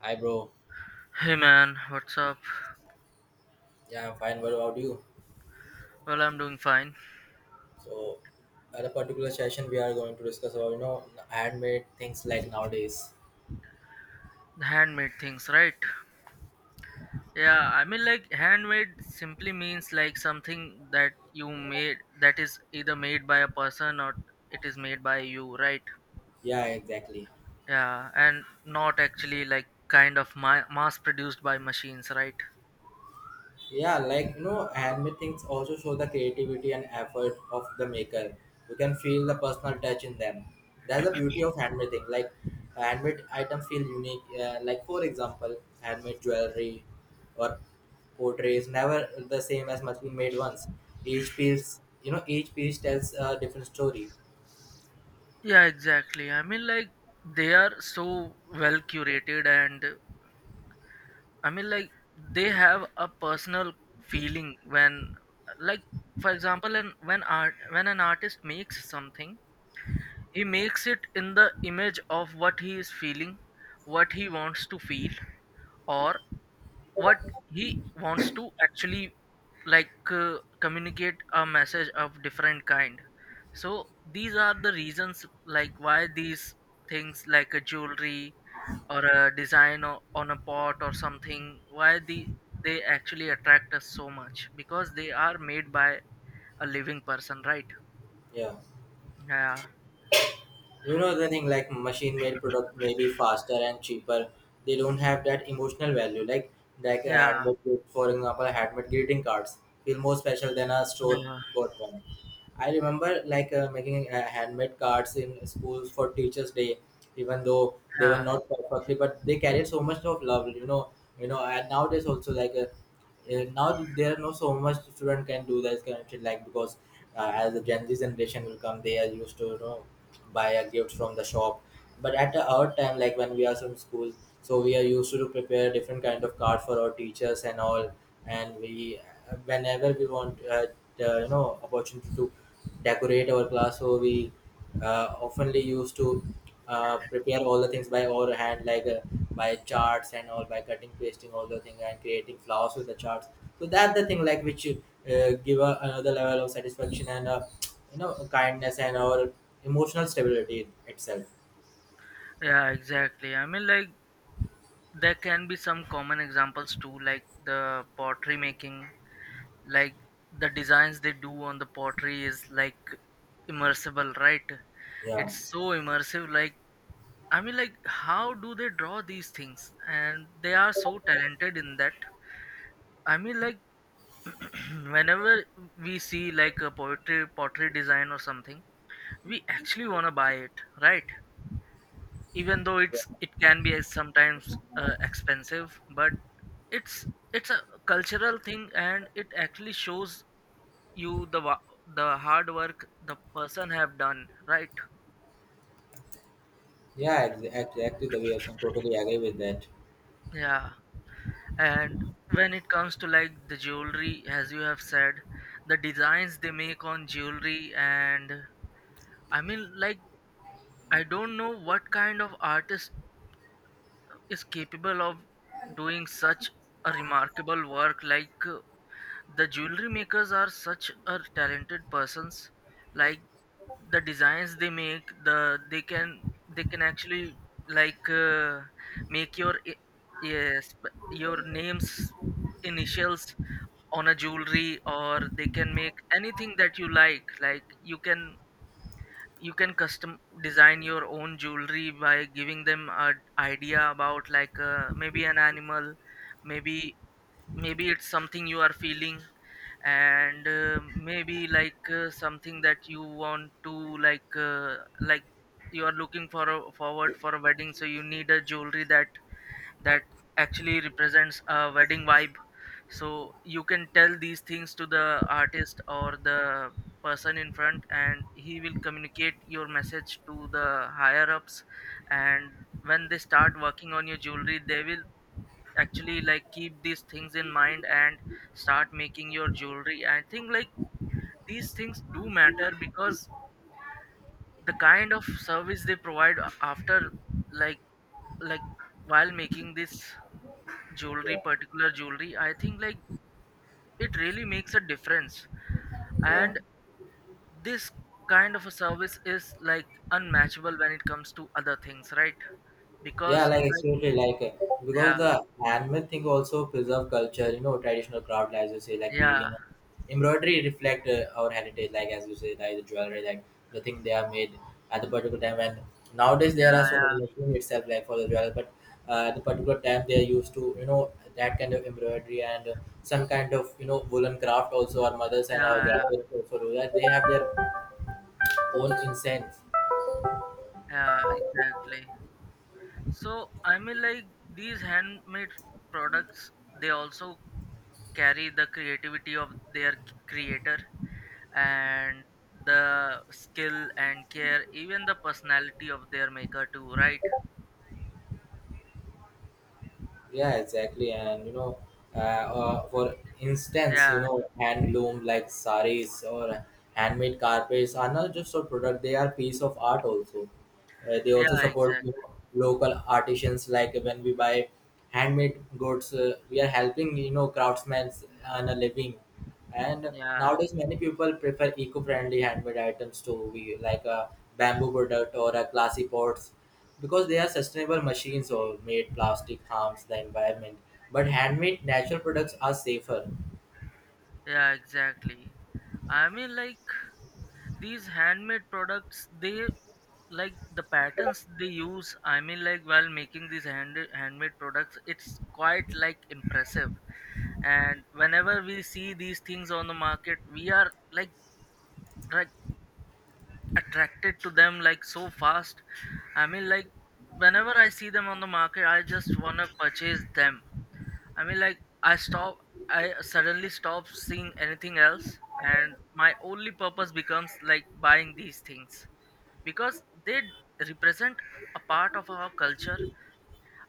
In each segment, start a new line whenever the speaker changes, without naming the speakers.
Hi, bro.
Hey man, what's up?
Yeah, I'm fine. What about you?
Well, I'm doing fine.
So, at a particular session, we are going to discuss about handmade things like nowadays.
The handmade things, right? Yeah, I mean, like, handmade simply means like something that you made, that is either made by a person or it is made by you, right?
Yeah, exactly.
Yeah, and not actually like kind of mass produced by machines, right?
Yeah, like you know, handmade things also show the creativity and effort of the maker. You can feel the personal touch in them. That's the beauty of handmade things. Like handmade items feel unique. Like for example, handmade jewelry or portrait is never the same as machine made ones. Each piece, you know, each piece tells a different story.
Yeah, exactly. I mean, like, they are so well curated and I mean, like they have a personal feeling when, like, for example, and when art when an artist makes something, he makes it in the image of what he is feeling, what he wants to feel, or what he wants to actually like communicate a message of different kind. So these are the reasons like why these things like a jewelry or a design on a pot or something, why they actually attract us so much, because they are made by a living person, right?
Yeah.
Yeah,
You know the thing like machine made product may be faster and cheaper. They don't have that emotional value. Like a
yeah,
handmade gift, for example, handmade greeting cards feel more special than a store
yeah,
bought one. I remember making handmade cards in schools for Teachers Day, even though they were
yeah,
not perfectly, but they carried so much of love. You know. And nowadays also now there are no so much student can do that kind of shit, like because as the Gen Z generation will come, they are used to buy a gift from the shop, but at our time, like when we are from school, so we are used to prepare different kind of card for our teachers and all. And we, whenever we want the, you know, opportunity to decorate our class, so we oftenly used to prepare all the things by our hand, by charts and all, by cutting, pasting all the thing and creating flowers with the charts. So that's the thing, like which give a, another level of satisfaction and you know, kindness and our emotional stability itself.
yeah, exactly. I mean, like there can be some common examples too, like the pottery making, like the designs they do on the pottery is like immersible, right?
Yeah,
It's so immersive, like, I mean, like how do they draw these things and they are so talented in that. I mean, like whenever we see like a poetry pottery design or something, we actually want to buy it, right? Even though it can be sometimes expensive, but it's it's a cultural thing, and it actually shows you the hard work the person have done, right?
yeah, ex- exactly the way of saying. Totally agree with that.
Yeah. And when it comes to like the jewelry, as you have said, the designs they make on jewelry, and I mean, like, I don't know what kind of artist is capable of doing such a remarkable work, like the jewelry makers are such a talented persons, like the designs they make, they can, they can actually like make yes, your names, initials on a jewelry, or they can make anything that you like. Like you can, you can custom design your own jewelry by giving them a idea about like, maybe an animal, maybe, maybe it's something you are feeling, and maybe like something that you want to like, like you are looking for a, forward for a wedding, so you need a jewelry that, that actually represents a wedding vibe. So you can tell these things to the artist or the person in front, and he will communicate your message to the higher ups, and when they start working on your jewelry, they will actually like keep these things in mind and start making your jewelry. I think like these things do matter, because the kind of service they provide after, like like while making this jewelry,
Yeah,
particular jewelry, I think like it really makes a difference.
yeah.
And this kind of a service is like unmatchable when it comes to other things, right?
Yeah,
Because
like
like,
absolutely, because
yeah,
the handmade thing also preserve culture, you know, traditional craft, as you say, like
yeah,
weaving, embroidery reflect our heritage, like as you say, like the jewelry, like the thing they are made at the particular time. And nowadays
yeah,
there are
yeah,
so many
yeah,
machine itself, like for the jewelry, but the particular time they are used to, you know, that kind of embroidery and some kind of you know woolen craft also. Our mothers and our
yeah,
grandmothers also do that. They have their own incense.
yeah, exactly. So I mean, like these handmade products, they also carry the creativity of their creator, and the skill and care, even the personality of their maker too, right?
Yeah, exactly. And you know, for instance, you
Yeah.
know, handloom like saris or handmade carpets are not just a product; they are piece of art also. They
Yeah,
also support
exactly.
you local artisans. Like when we buy handmade goods, we are helping you know craftsmen earn a living. And
Yeah,
nowadays, many people prefer eco-friendly handmade items to we like a bamboo product or a glassy pots, because they are sustainable machines or made plastic harms the environment, but handmade natural products are safer.
yeah, exactly. I mean, like these handmade products, they, like the patterns they use. I mean, like while making these handmade products, it's quite like impressive. And whenever we see these things on the market, we are like attracted to them like so fast. I mean, like whenever I see them on the market, I just wanna purchase them. I mean, like I stop, I suddenly stop seeing anything else, and my only purpose becomes like buying these things, because they represent a part of our culture,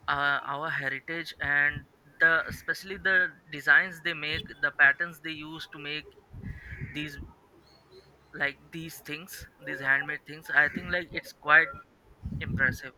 our heritage, and the especially the designs they make, the patterns they use to make these, like these things, these handmade things. I think like it's quite impressive.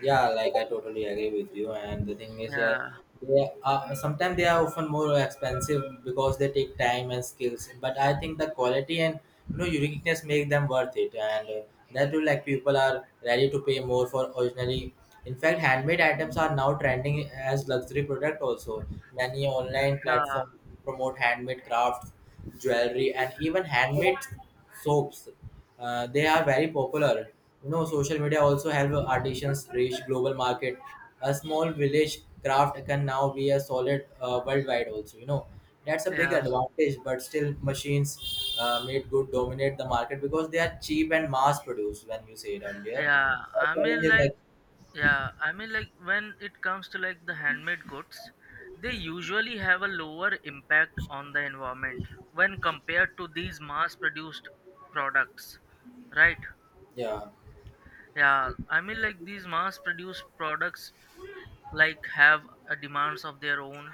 Yeah, like I totally agree with you, and the thing is, yeah,
Yeah,
they are, sometimes they are often more expensive because they take time and skills, but I think the quality and you know uniqueness make them worth it. And that will like people are ready to pay more for originally. In fact, handmade items are now trending as luxury product also. Many online
yeah,
platforms promote handmade crafts, jewelry, and even handmade soaps. They are very popular. You know, social media also help artisans reach global market. A small village craft can now be a solid worldwide. Also, you know, that's a big
yeah,
advantage. But still, machines made good dominate the market because they are cheap and mass produced. When you said earlier,
yeah. I mean,
Challenges
like,
like
yeah, I mean, like when it comes to like the handmade goods, they usually have a lower impact on the environment when compared to these mass produced products, right?
yeah,
Yeah, I mean, like these mass produced products, like have a demands of their own,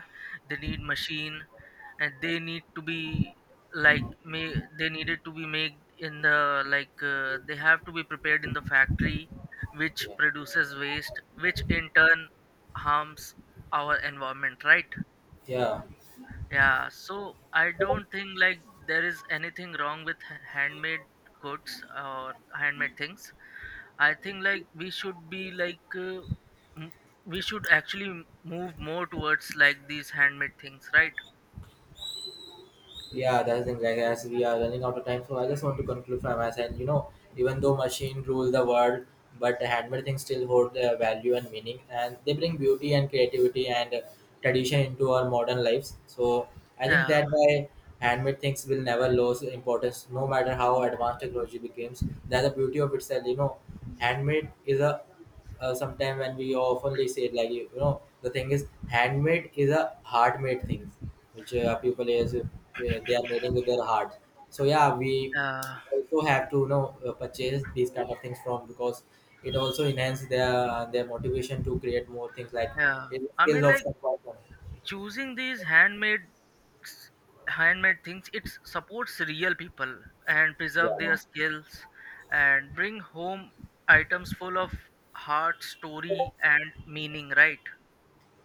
they need machine, and they need to be like, may, they needed to be made in the like, they have to be prepared in the factory, which
yeah,
produces waste, which in turn harms our environment, right?
yeah.
Yeah, so I don't think like there is anything wrong with handmade goods or handmade things. I think like we should be like, m- we should actually move more towards like these handmade things, right?
Yeah, that's the thing. Like as we are running out of time, so I just want to conclude from my side. You know, even though machine rule the world, but the handmade things still hold their value and meaning, and they bring beauty and creativity and tradition into our modern lives. So I think
Yeah,
that why handmade things will never lose importance, no matter how advanced technology becomes. That's the beauty of itself. You know, handmade is a, sometimes when we oftenly say it, like you know the thing is handmade is a hard made thing, which people is they are making with their heart. So yeah, we
yeah,
also have to you know purchase these kind of things from, because it also enhances their motivation to create more things, like
yeah.
it's
I
skills
mean,
of
like
some person.
choosing these handmade s- handmade things, it supports real people and preserve
Yeah,
their skills, and bring home items full of heart, story, and meaning, right?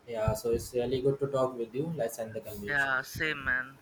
yeah, so it's really good to talk with you. Let's end the conversation.
Yeah, same man.